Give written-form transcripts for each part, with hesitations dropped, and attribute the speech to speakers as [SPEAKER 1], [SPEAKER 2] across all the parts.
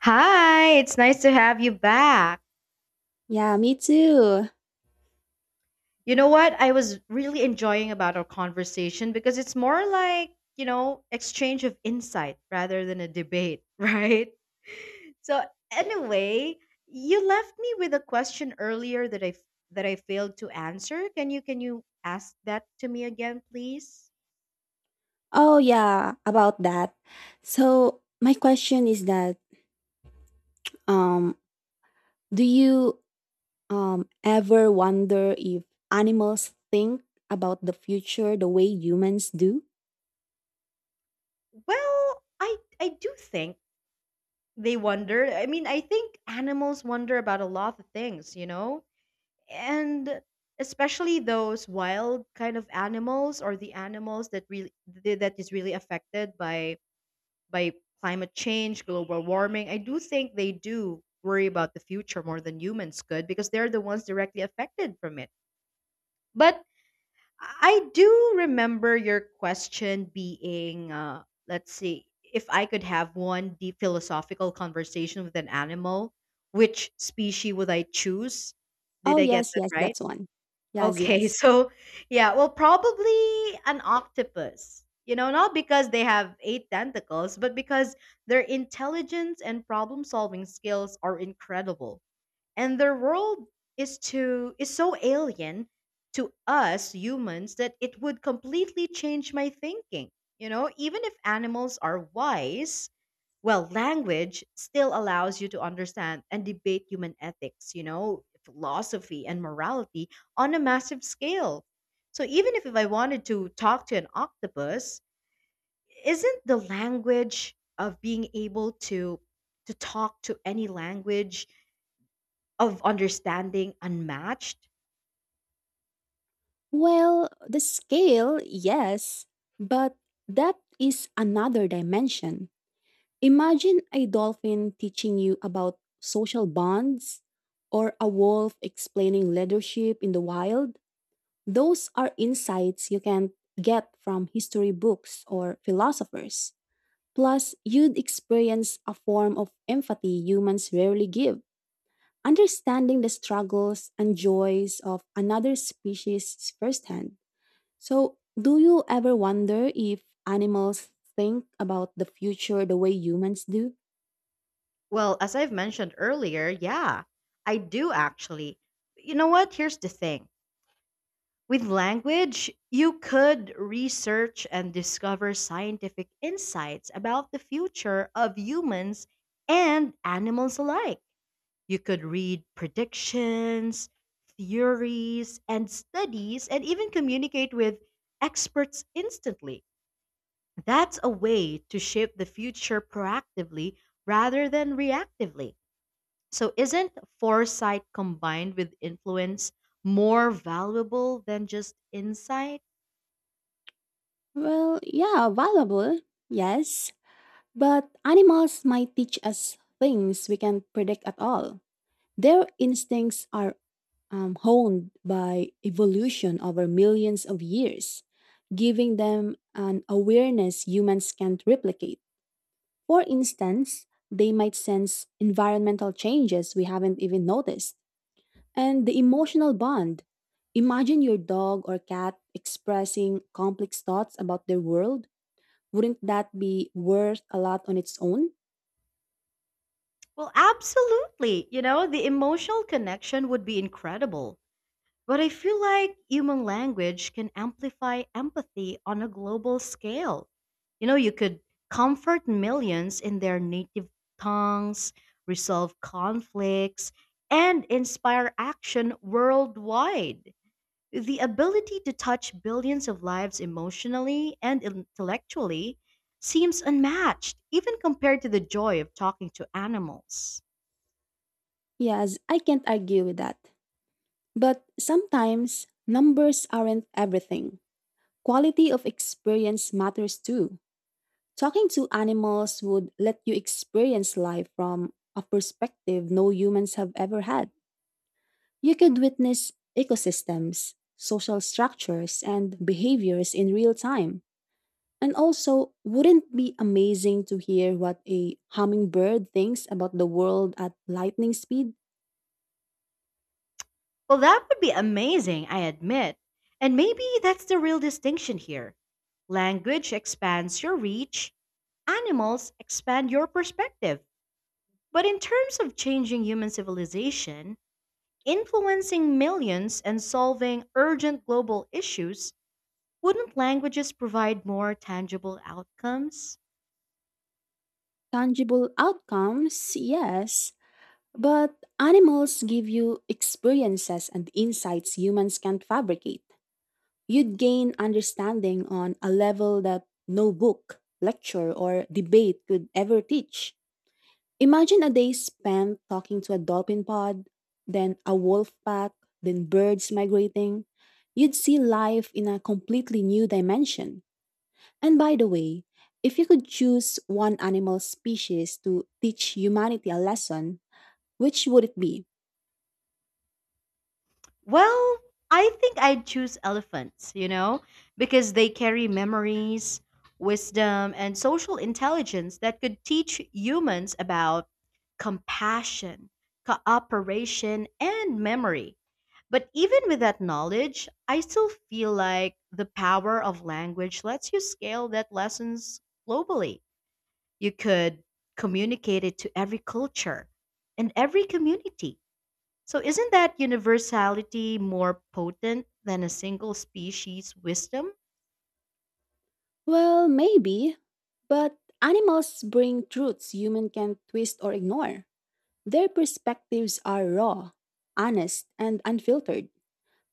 [SPEAKER 1] Hi, it's nice to have you back.
[SPEAKER 2] Yeah, me too.
[SPEAKER 1] You know what? I was really enjoying about our conversation because it's more like, you know, exchange of insight rather than a debate, right? So anyway, you left me with a question earlier that that I failed to answer. Can you ask that to me again, please?
[SPEAKER 2] Oh yeah, about that. So my question is that um do you ever wonder if animals think about the future the way humans do?
[SPEAKER 1] Well, I do think they wonder. I mean, I think animals wonder about a lot of things, you know? And especially those wild kind of animals or the animals that that is really affected by by climate change, global warming. I do think they do worry about the future more than humans could because they're the ones directly affected from it. But I do remember your question being, let's see, if I could have one deep philosophical conversation with an animal, which species would I choose? Did
[SPEAKER 2] Oh
[SPEAKER 1] I get
[SPEAKER 2] yes,
[SPEAKER 1] that
[SPEAKER 2] yes,
[SPEAKER 1] right?
[SPEAKER 2] that's one. Yes,
[SPEAKER 1] Okay,
[SPEAKER 2] yes.
[SPEAKER 1] so yeah, well, probably an octopus. You know, not because they have eight tentacles, but because their intelligence and problem solving skills are incredible, and their world is so alien to us humans that it would completely change my thinking. You know, even if animals are wise, well, language still allows you to understand and debate human ethics, you know, philosophy and morality on a massive scale. So even if I wanted to talk to an octopus, isn't the language of being able to talk to any language of understanding unmatched?
[SPEAKER 2] Well, the scale, yes, but that is another dimension. Imagine a dolphin teaching you about social bonds or a wolf explaining leadership in the wild. Those are insights you can get from history books or philosophers. Plus, you'd experience a form of empathy humans rarely give, understanding the struggles and joys of another species firsthand. So, do you ever wonder if animals think about the future the way humans do?
[SPEAKER 1] Well, as I've mentioned earlier, yeah, I do actually. You know what? Here's the thing, with language, you could research and discover scientific insights about the future of humans and animals alike. You could read predictions, theories, and studies, and even communicate with experts instantly. That's a way to shape the future proactively rather than reactively. So, isn't foresight combined with influence more valuable than just insight?
[SPEAKER 2] Well, yeah, valuable, yes, but animals might teach us things we can't predict at all. Their instincts are honed by evolution over millions of years, giving them an awareness humans can't replicate. For instance, they might sense environmental changes we haven't even noticed, and the emotional bond. Imagine your dog or cat expressing complex thoughts about their world. Wouldn't that be worth a lot on its own?
[SPEAKER 1] Well, absolutely. You know, the emotional connection would be incredible. But I feel like human language can amplify empathy on a global scale. You know, you could comfort millions in their native tongues, resolve conflicts, and inspire action worldwide. The ability to touch billions of lives emotionally and intellectually seems unmatched, even compared to the joy of talking to animals.
[SPEAKER 2] Yes, I can't argue with that. But sometimes numbers aren't everything. Quality of experience matters too. Talking to animals would let you experience life from a perspective no humans have ever had. You could witness ecosystems, social structures, and behaviors in real time. And also, wouldn't it be amazing to hear what a hummingbird thinks about the world at lightning speed?
[SPEAKER 1] Well, that would be amazing, I admit. And maybe that's the real distinction here. Language expands your reach, animals expand your perspective. But in terms of changing human civilization, influencing millions and solving urgent global issues, wouldn't languages provide more tangible outcomes?
[SPEAKER 2] Tangible outcomes, yes, but animals give you experiences and insights humans can't fabricate. You'd gain understanding on a level that no book, lecture, or debate could ever teach. Imagine a day spent talking to a dolphin pod, then a wolf pack, then birds migrating. You'd see life in a completely new dimension. And by the way, if you could choose one animal species to teach humanity a lesson, which would it be?
[SPEAKER 1] Well, I think I'd choose elephants, you know, because they carry memories, wisdom, and social intelligence that could teach humans about compassion, cooperation, and memory. But even with that knowledge, I still feel like the power of language lets you scale that lessons globally. You could communicate it to every culture and every community. So, isn't that universality more potent than a single species' wisdom?
[SPEAKER 2] Well, maybe, but animals bring truths human can twist or ignore. Their perspectives are raw, honest, and unfiltered.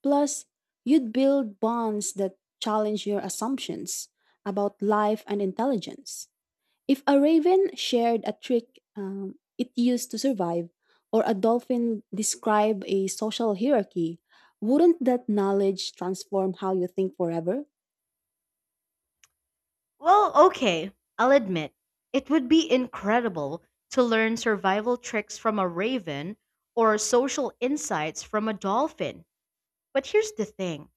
[SPEAKER 2] Plus, you'd build bonds that challenge your assumptions about life and intelligence. If a raven shared a trick it used to survive, or a dolphin described a social hierarchy, wouldn't that knowledge transform how you think forever?
[SPEAKER 1] Well, okay, I'll admit, it would be incredible to learn survival tricks from a raven or social insights from a dolphin. But here's the thing,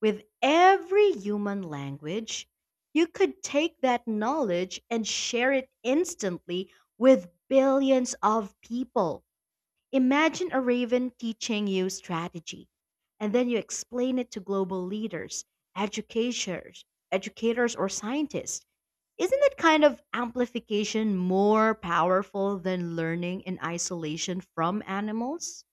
[SPEAKER 1] with every human language, you could take that knowledge and share it instantly with billions of people. Imagine a raven teaching you strategy, and then you explain it to global leaders, educators, educators or scientists. Isn't that kind of amplification more powerful than learning in isolation from animals?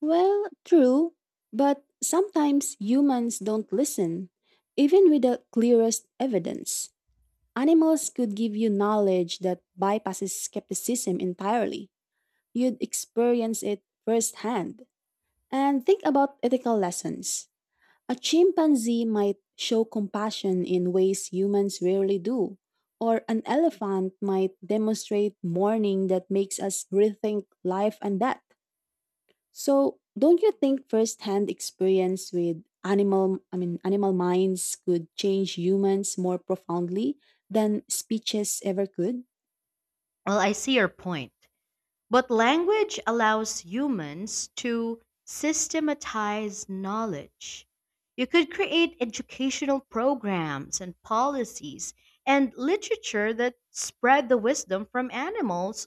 [SPEAKER 2] Well, true, but sometimes humans don't listen, even with the clearest evidence. Animals could give you knowledge that bypasses skepticism entirely. You'd experience it firsthand. And think about ethical lessons. A chimpanzee might show compassion in ways humans rarely do, or an elephant might demonstrate mourning that makes us rethink life and death. So, don't you think firsthand experience with animal I mean animal minds could change humans more profoundly than speeches ever could?
[SPEAKER 1] Well, I see your point. But language allows humans to systematize knowledge. You could create educational programs and policies and literature that spread the wisdom from animals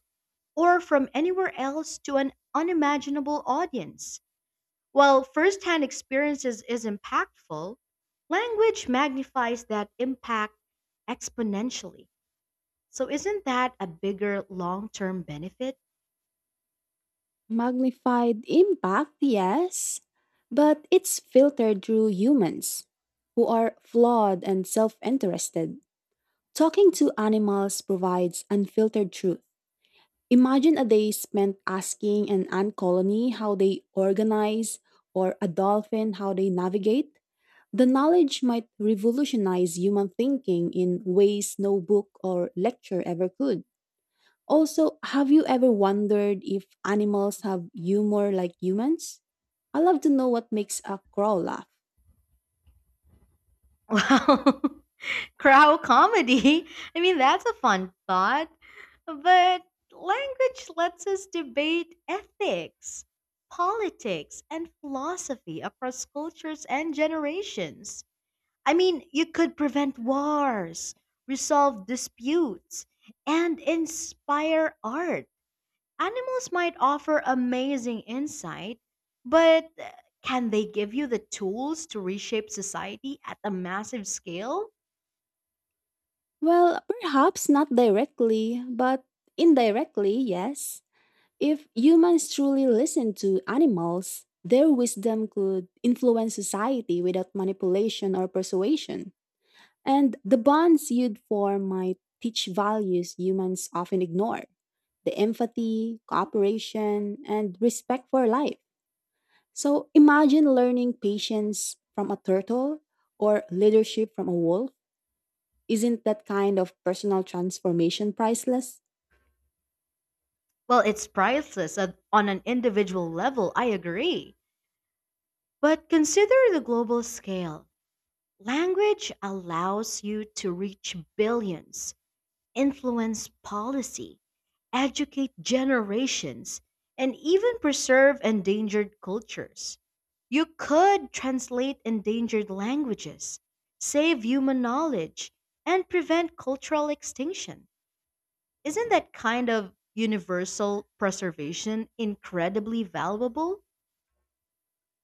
[SPEAKER 1] or from anywhere else to an unimaginable audience. While firsthand experiences is impactful, language magnifies that impact exponentially. So, isn't that a bigger long term benefit?
[SPEAKER 2] Magnified impact, yes, but it's filtered through humans, who are flawed and self interested. Talking to animals provides unfiltered truth. Imagine a day spent asking an ant colony how they organize or a dolphin how they navigate. The knowledge might revolutionize human thinking in ways no book or lecture ever could. Also, have you ever wondered if animals have humor like humans? I love to know what makes a crow laugh.
[SPEAKER 1] Wow. Crow comedy. I mean, that's a fun thought. But language lets us debate ethics, politics, and philosophy across cultures and generations. I mean, you could prevent wars, resolve disputes, and inspire art. Animals might offer amazing insight, but can they give you the tools to reshape society at a massive scale?
[SPEAKER 2] Well, perhaps not directly, but indirectly, yes. If humans truly listened to animals, their wisdom could influence society without manipulation or persuasion. And the bonds you'd form might teach values humans often ignore: the empathy, cooperation, and respect for life. So imagine learning patience from a turtle or leadership from a wolf. Isn't that kind of personal transformation priceless?
[SPEAKER 1] Well, it's priceless on an individual level, I agree. But consider the global scale. Language allows you to reach billions, influence policy, educate generations, and even preserve endangered cultures. You could translate endangered languages, save human knowledge, and prevent cultural extinction. Isn't that kind of universal preservation incredibly valuable?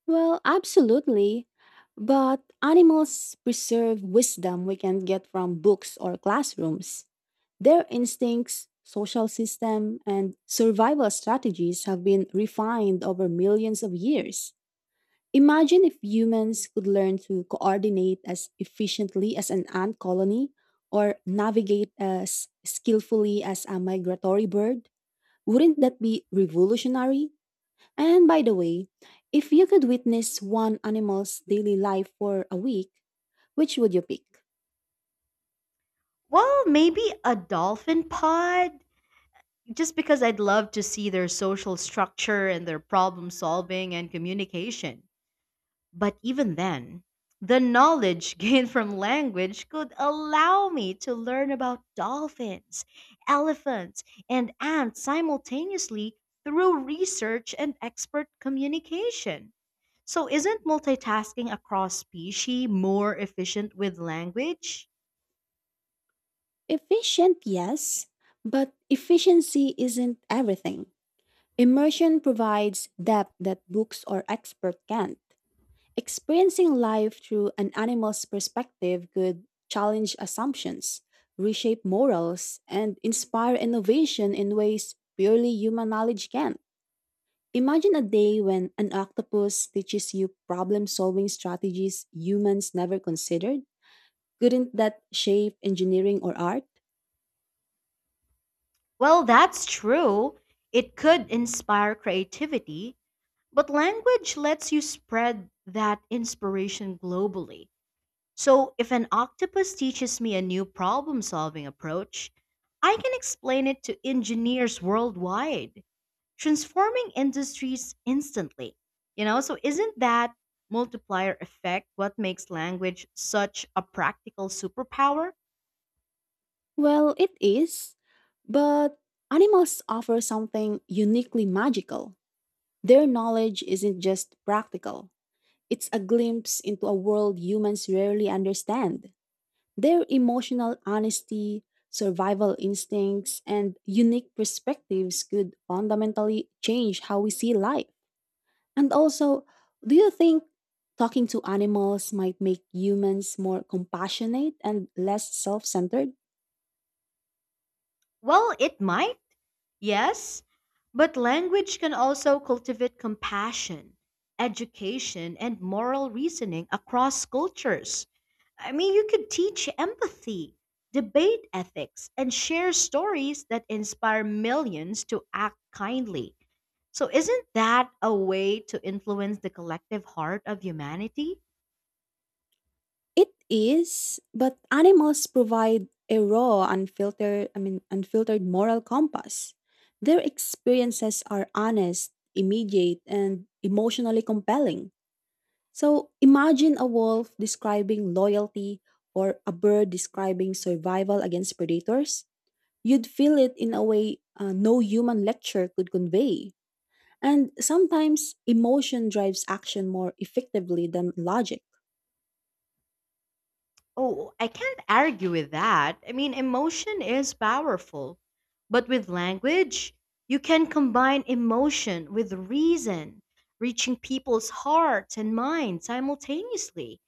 [SPEAKER 2] Well, absolutely. But animals preserve wisdom we can get from books or classrooms. Their instincts, social system, and survival strategies have been refined over millions of years. Imagine if humans could learn to coordinate as efficiently as an ant colony or navigate as skillfully as a migratory bird. Wouldn't that be revolutionary? And by the way, if you could witness one animal's daily life for a week, which would you pick?
[SPEAKER 1] Well, maybe a dolphin pod, just because I'd love to see their social structure and their problem solving and communication. But even then, the knowledge gained from language could allow me to learn about dolphins, elephants, and ants simultaneously through research and expert communication. So, isn't multitasking across species more efficient with language?
[SPEAKER 2] Efficient, yes, but efficiency isn't everything. Immersion provides depth that books or expert can't. Experiencing life through an animal's perspective could challenge assumptions, reshape morals, and inspire innovation in ways purely human knowledge can. Imagine a day when an octopus teaches you problem solving strategies humans never considered. Couldn't that shape engineering or art?
[SPEAKER 1] Well, that's true. It could inspire creativity, but language lets you spread that inspiration globally. So, if an octopus teaches me a new problem solving approach, I can explain it to engineers worldwide, transforming industries instantly. You know, so isn't that multiplier effect what makes language such a practical superpower?
[SPEAKER 2] Well, it is, but animals offer something uniquely magical. Their knowledge isn't just practical, it's a glimpse into a world humans rarely understand. Their emotional honesty, survival instincts, and unique perspectives could fundamentally change how we see life. And also, do you think talking to animals might make humans more compassionate and less self centered?
[SPEAKER 1] Well, it might. Yes, but language can also cultivate compassion, education, and moral reasoning across cultures. I mean, you could teach empathy, debate ethics, and share stories that inspire millions to act kindly. So, isn't that a way to influence the collective heart of humanity?
[SPEAKER 2] It is, but animals provide a raw, unfiltered, moral compass. Their experiences are honest, immediate, and emotionally compelling. So imagine a wolf describing loyalty or a bird describing survival against predators. You'd feel it in a way no human lecture could convey. And sometimes emotion drives action more effectively than logic.
[SPEAKER 1] Oh, I can't argue with that. I mean, emotion is powerful. But with language, you can combine emotion with reason, reaching people's hearts and minds simultaneously.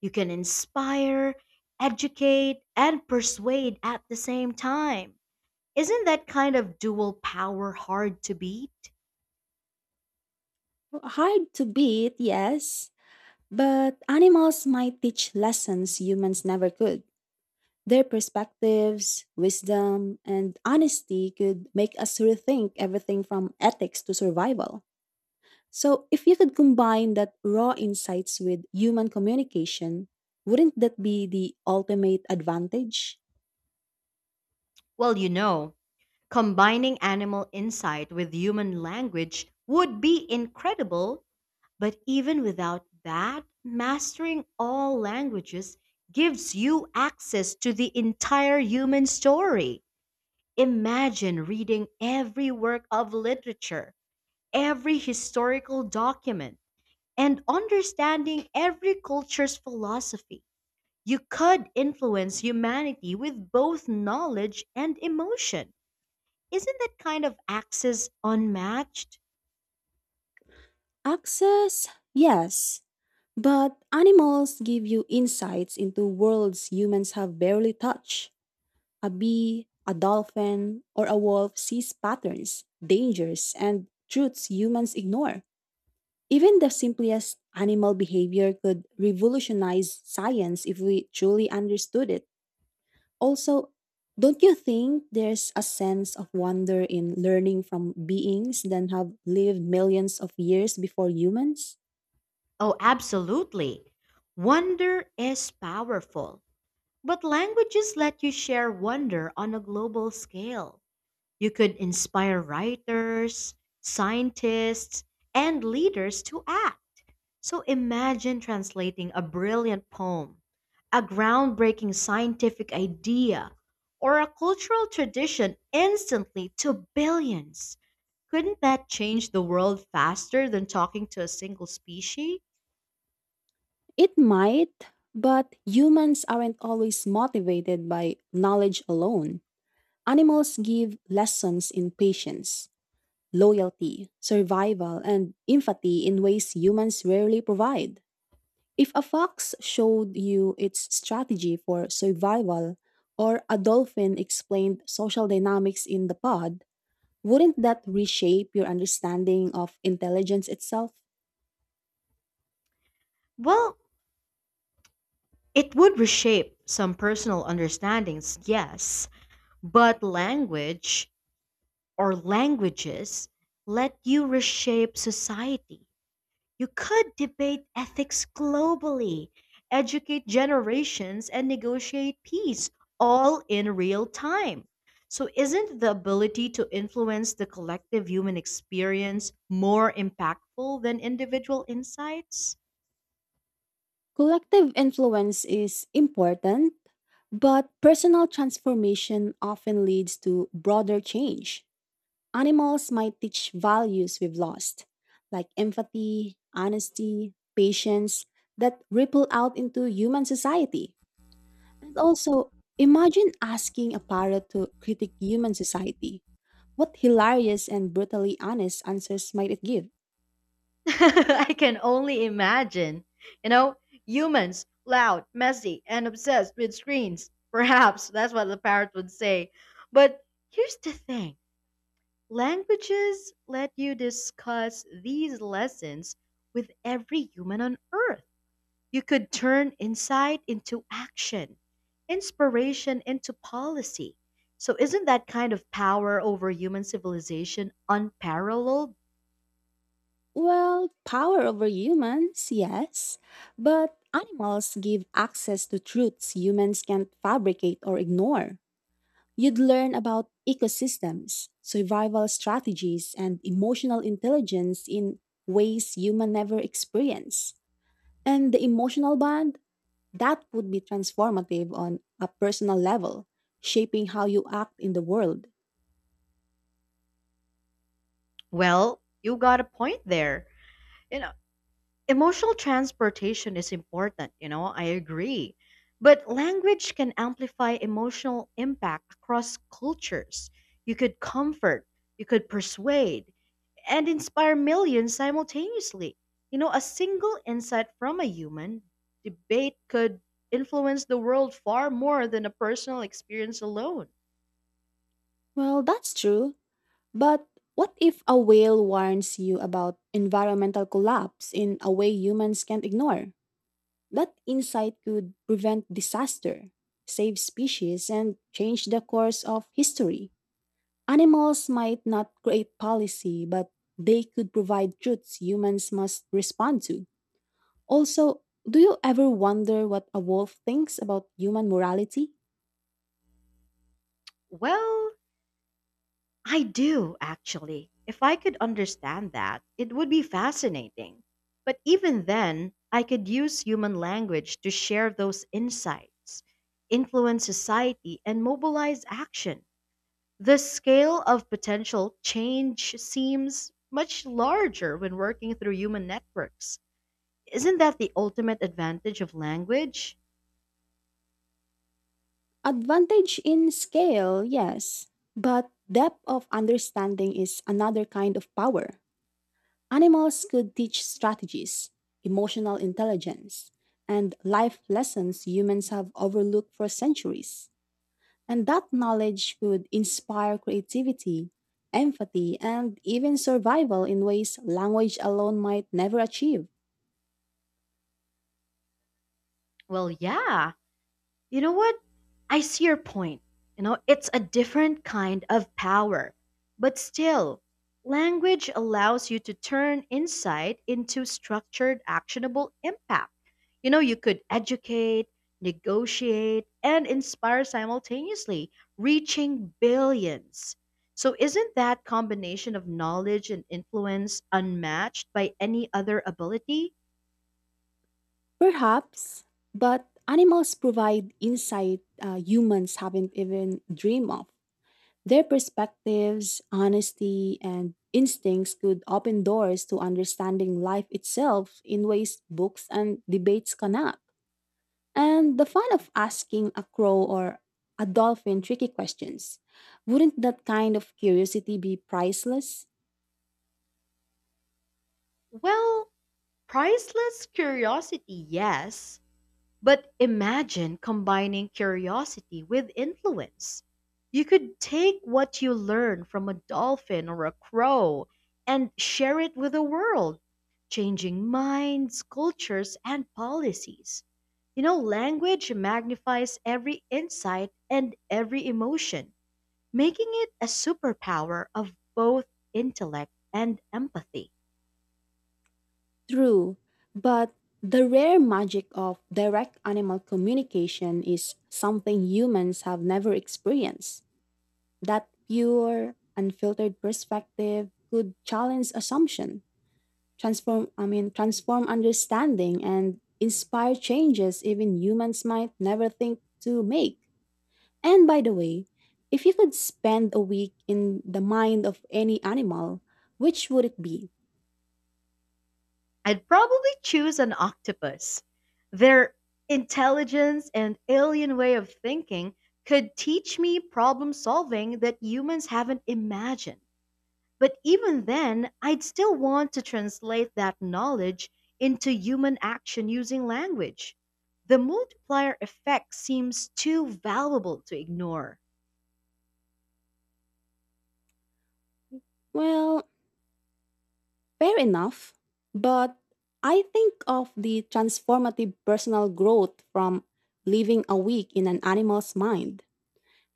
[SPEAKER 1] You can inspire, educate, and persuade at the same time. Isn't that kind of dual power hard to beat?
[SPEAKER 2] Hard to beat, yes, but animals might teach lessons humans never could. Their perspectives, wisdom, and honesty could make us rethink everything from ethics to survival. So, if you could combine that raw insights with human communication, wouldn't that be the ultimate advantage?
[SPEAKER 1] Well, you know, combining animal insight with human language would be incredible. But even without that, mastering all languages gives you access to the entire human story. Imagine reading every work of literature, every historical document, and understanding every culture's philosophy. You could influence humanity with both knowledge and emotion. Isn't that kind of access unmatched?
[SPEAKER 2] Access, yes, but animals give you insights into worlds humans have barely touched. A bee, a dolphin, or a wolf sees patterns, dangers, and truths humans ignore. Even the simplest animal behavior could revolutionize science if we truly understood it. Also, don't you think there's a sense of wonder in learning from beings that have lived millions of years before humans?
[SPEAKER 1] Oh, absolutely. Wonder is powerful. But languages let you share wonder on a global scale. You could inspire writers, scientists, and leaders to act. So imagine translating a brilliant poem, a groundbreaking scientific idea, or a cultural tradition instantly to billions. Couldn't that change the world faster than talking to a single species?
[SPEAKER 2] It might, but humans aren't always motivated by knowledge alone. Animals give lessons in patience, loyalty, survival, and empathy in ways humans rarely provide. If a fox showed you its strategy for survival, or a dolphin explained social dynamics in the pod, wouldn't that reshape your understanding of intelligence itself?
[SPEAKER 1] Well, it would reshape some personal understandings, yes. But language, or languages, let you reshape society. You could debate ethics globally, educate generations, and negotiate peace all in real time. So, isn't the ability to influence the collective human experience more impactful than individual insights?
[SPEAKER 2] Collective influence is important, but personal transformation often leads to broader change. Animals might teach values we've lost, like empathy, honesty, patience, that ripple out into human society. And also, imagine asking a parrot to critique human society. What hilarious and brutally honest answers might it give?
[SPEAKER 1] I can only imagine. You know, humans, loud, messy, and obsessed with screens. Perhaps that's what the parrot would say. But here's the thing, languages let you discuss these lessons with every human on earth. You could turn insight into action, inspiration into policy. So, isn't that kind of power over human civilization unparalleled?
[SPEAKER 2] Well, power over humans, yes, but animals give access to truths humans can't fabricate or ignore. You'd learn about ecosystems, survival strategies, and emotional intelligence in ways human never experience. And the emotional bond, that would be transformative on a personal level, shaping how you act in the world.
[SPEAKER 1] Well, you got a point there. You know. Emotional transportation is important, you know, I agree. But language can amplify emotional impact across cultures. You could comfort, you could persuade, and inspire millions simultaneously. You know, a single insight from a human debate could influence the world far more than a personal experience alone.
[SPEAKER 2] Well, that's true. But what if a whale warns you about environmental collapse in a way humans can't ignore? That insight could prevent disaster, save species, and change the course of history. Animals might not create policy, but they could provide truths humans must respond to. Also, do you ever wonder what a wolf thinks about human morality?
[SPEAKER 1] Well, I do, actually. If I could understand that, it would be fascinating. But even then, I could use human language to share those insights, influence society, and mobilize action. The scale of potential change seems much larger when working through human networks. Isn't that the ultimate advantage of language?
[SPEAKER 2] Advantage in scale, yes, but depth of understanding is another kind of power. Animals could teach strategies, emotional intelligence, and life lessons humans have overlooked for centuries. And that knowledge could inspire creativity, empathy, and even survival in ways language alone might never achieve.
[SPEAKER 1] Well, yeah. You know what? I see your point. You know, it's a different kind of power. But still, language allows you to turn insight into structured, actionable impact. You know, you could educate, negotiate, and inspire simultaneously, reaching billions. So, isn't that combination of knowledge and influence unmatched by any other ability?
[SPEAKER 2] Perhaps, but animals provide insight humans haven't even dreamed of. Their perspectives, honesty, and instincts could open doors to understanding life itself in ways books and debates cannot. And the fun of asking a crow or a dolphin tricky questions. Wouldn't that kind of curiosity be priceless?
[SPEAKER 1] Well, priceless curiosity, yes. But imagine combining curiosity with influence. You could take what you learn from a dolphin or a crow and share it with the world, changing minds, cultures, and policies. You know, language magnifies every insight and every emotion, making it a superpower of both intellect and empathy.
[SPEAKER 2] True, but the rare magic of direct animal communication is something humans have never experienced. That pure, unfiltered perspective could challenge assumption, transform I mean transform understanding and inspire changes even humans might never think to make. And by the way, if you could spend a week in the mind of any animal, which would it be?
[SPEAKER 1] I'd probably choose an octopus. Their intelligence and alien way of thinking could teach me problem solving that humans haven't imagined. But even then, I'd still want to translate that knowledge into human action using language. The multiplier effect seems too valuable to ignore.
[SPEAKER 2] Well, fair enough. But I think of the transformative personal growth from living a week in an animal's mind.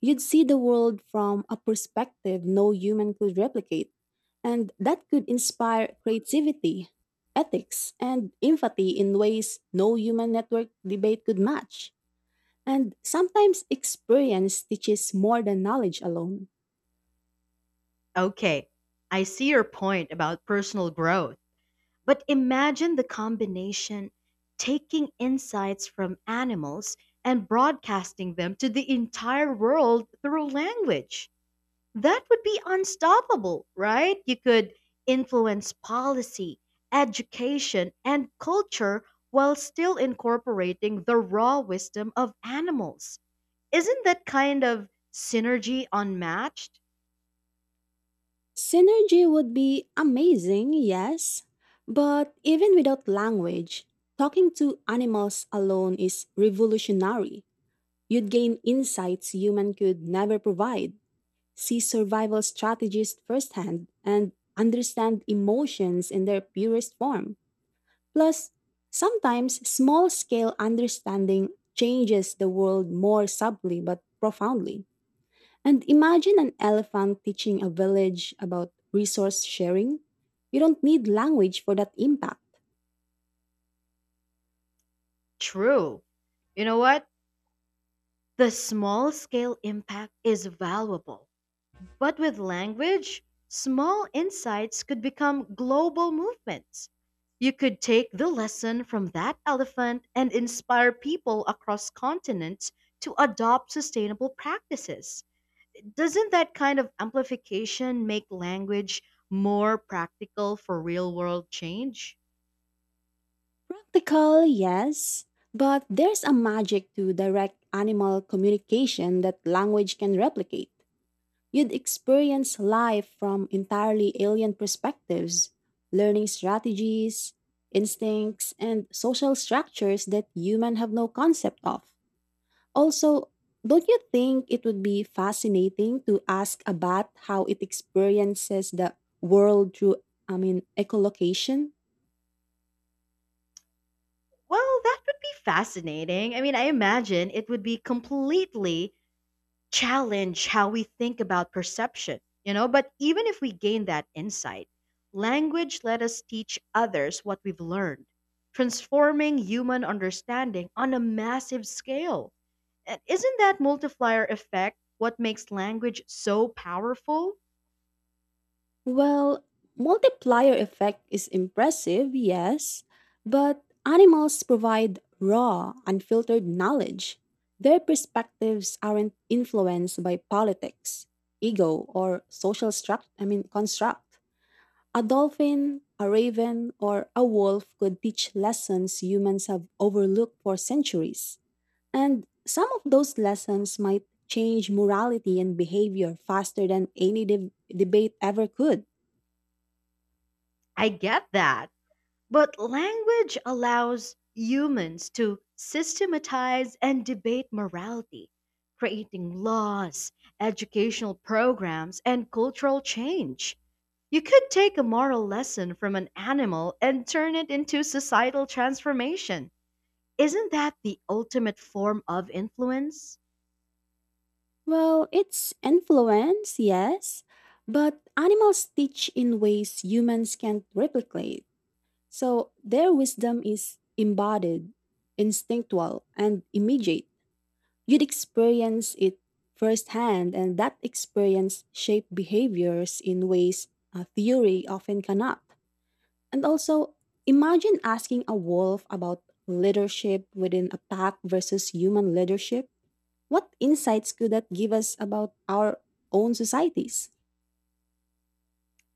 [SPEAKER 2] You'd see the world from a perspective no human could replicate, and that could inspire creativity, ethics, and empathy in ways no human network debate could match. And sometimes experience teaches more than knowledge alone.
[SPEAKER 1] Okay, I see your point about personal growth. But imagine the combination, taking insights from animals and broadcasting them to the entire world through language. That would be unstoppable, right? You could influence policy, education, and culture while still incorporating the raw wisdom of animals. Isn't that kind of synergy unmatched?
[SPEAKER 2] Synergy would be amazing, yes, but even without language, talking to animals alone is revolutionary. You'd gain insights human could never provide, see survival strategies firsthand, and understand emotions in their purest form. Plus, sometimes small scale understanding changes the world more subtly but profoundly. And imagine an elephant teaching a village about resource sharing. You don't need language for that impact.
[SPEAKER 1] True. You know what? The small scale impact is valuable. But with language, small insights could become global movements. You could take the lesson from that elephant and inspire people across continents to adopt sustainable practices. Doesn't that kind of amplification make language more practical for real world change?
[SPEAKER 2] Practical, yes, but there's a magic to direct animal communication that language can replicate. You'd experience life from entirely alien perspectives, learning strategies, instincts, and social structures that humans have no concept of. Also, don't you think it would be fascinating to ask a bat how it experiences the world through, I mean, echolocation?
[SPEAKER 1] Well, that would be fascinating. I mean, I imagine it would be completely challenge how we think about perception, you know. But even if we gain that insight, language let us teach others what we've learned, transforming human understanding on a massive scale. And isn't that multiplier effect what makes language so powerful?
[SPEAKER 2] Well, multiplier effect is impressive, yes, but animals provide raw, unfiltered knowledge. Their perspectives aren't influenced by politics, ego, or social struct I mean construct. A dolphin, a raven, or a wolf could teach lessons humans have overlooked for centuries. And some of those lessons might change morality and behavior faster than any debate ever could.
[SPEAKER 1] I get that. But language allows humans to systematize and debate morality, creating laws, educational programs, and cultural change. You could take a moral lesson from an animal and turn it into societal transformation. Isn't that the ultimate form of influence?
[SPEAKER 2] Well, it's influence, yes, but animals teach in ways humans can't replicate. So their wisdom is embodied, instinctual, and immediate. You'd experience it firsthand, and that experience shaped behaviors in ways a theory often cannot. And also, imagine asking a wolf about leadership within a pack versus human leadership. What insights could that give us about our own societies?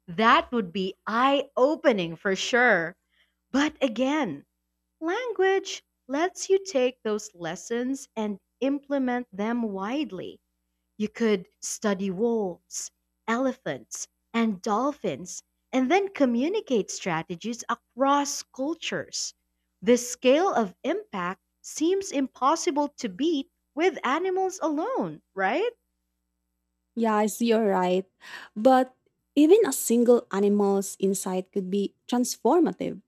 [SPEAKER 1] That would be eye opening for sure. But again, language lets you take those lessons and implement them widely. You could study wolves, elephants, and dolphins, and then communicate strategies across cultures. The scale of impact seems impossible to beat with animals alone, right?
[SPEAKER 2] Yeah, you're right. But even a single animal's insight could be transformative.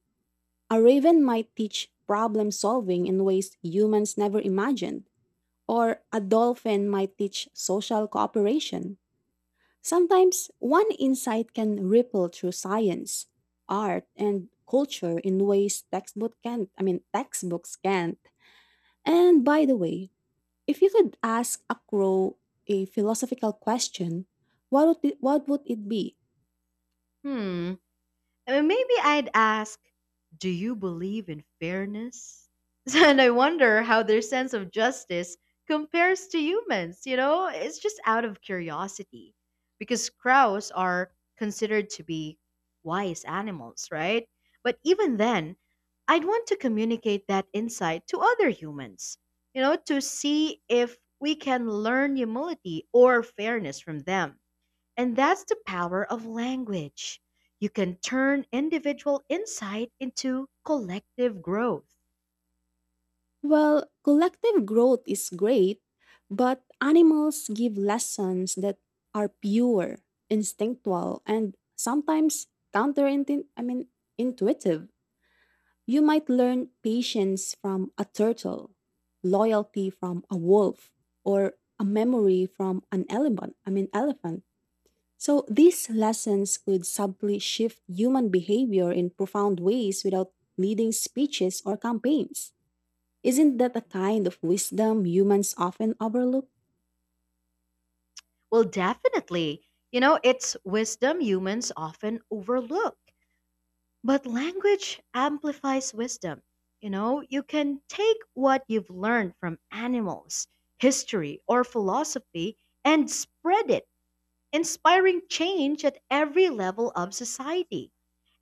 [SPEAKER 2] A raven might teach problem solving in ways humans never imagined or a dolphin might teach social cooperation. Sometimes one insight can ripple through science, art, and culture in ways textbooks can't. And by the way, if you could ask a crow a philosophical question, what would it be?
[SPEAKER 1] Hmm. I mean, maybe I'd ask, do you believe in fairness? And I wonder how their sense of justice compares to humans, you know? It's just out of curiosity. Because crows are considered to be wise animals, right? But even then, I'd want to communicate that insight to other humans, you know, to see if we can learn humility or fairness from them, and that's the power of language. You can turn individual insight into collective growth.
[SPEAKER 2] Well, collective growth is great, but animals give lessons that are pure, instinctual, and sometimes counterintuitive. I mean, intuitive. You might learn patience from a turtle, loyalty from a wolf, or a memory from an elephant. So these lessons could subtly shift human behavior in profound ways without leading speeches or campaigns. Isn't that a kind of wisdom humans often overlook?
[SPEAKER 1] Well, definitely. You know, it's wisdom humans often overlook. But language amplifies wisdom. You know, you can take what you've learned from animals, history, or philosophy and spread it, inspiring change at every level of society.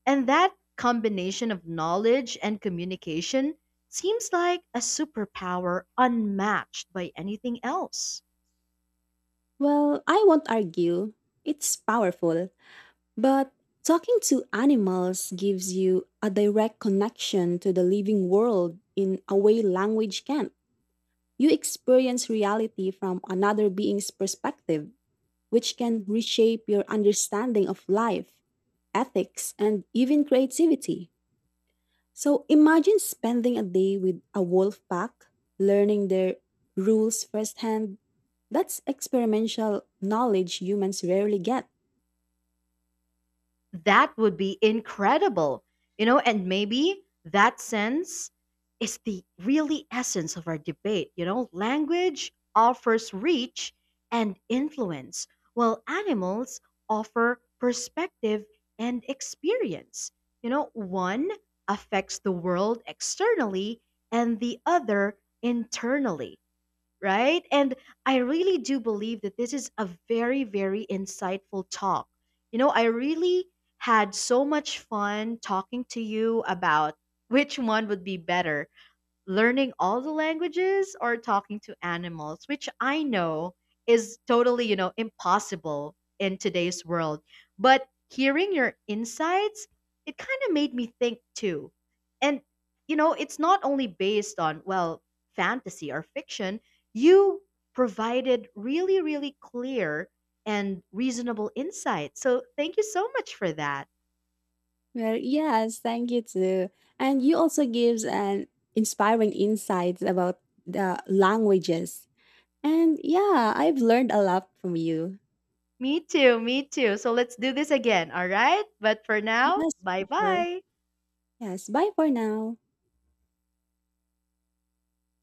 [SPEAKER 1] And that combination of knowledge and communication seems like a superpower unmatched by anything else.
[SPEAKER 2] Well, I won't argue. It's powerful. But talking to animals gives you a direct connection to the living world in a way language can't. You experience reality from another being's perspective, which can reshape your understanding of life, ethics, and even creativity. So imagine spending a day with a wolf pack, learning their rules firsthand. That's experimental knowledge humans rarely get.
[SPEAKER 1] That would be incredible, you know, and maybe that sense is the really essence of our debate, you know. Language offers reach and influence, while animals offer perspective and experience. You know, one affects the world externally and the other internally, right? And I really do believe that this is a very, very insightful talk. You know, I really had so much fun talking to you about which one would be better, learning all the languages or talking to animals, which I know is totally, you know, impossible in today's world. But hearing your insights, it kind of made me think too. And, you know, it's not only based on, well, fantasy or fiction, you provided really, really clear and reasonable insights. So thank you so much for that.
[SPEAKER 2] Well, yes, thank you too. And you also gives an inspiring insights about the languages. And yeah, I've learned a lot from you.
[SPEAKER 1] Me too, me too. So let's do this again, all right? But for now,
[SPEAKER 2] Yes,
[SPEAKER 1] bye
[SPEAKER 2] for sure.
[SPEAKER 1] bye.
[SPEAKER 2] Yes, bye for now.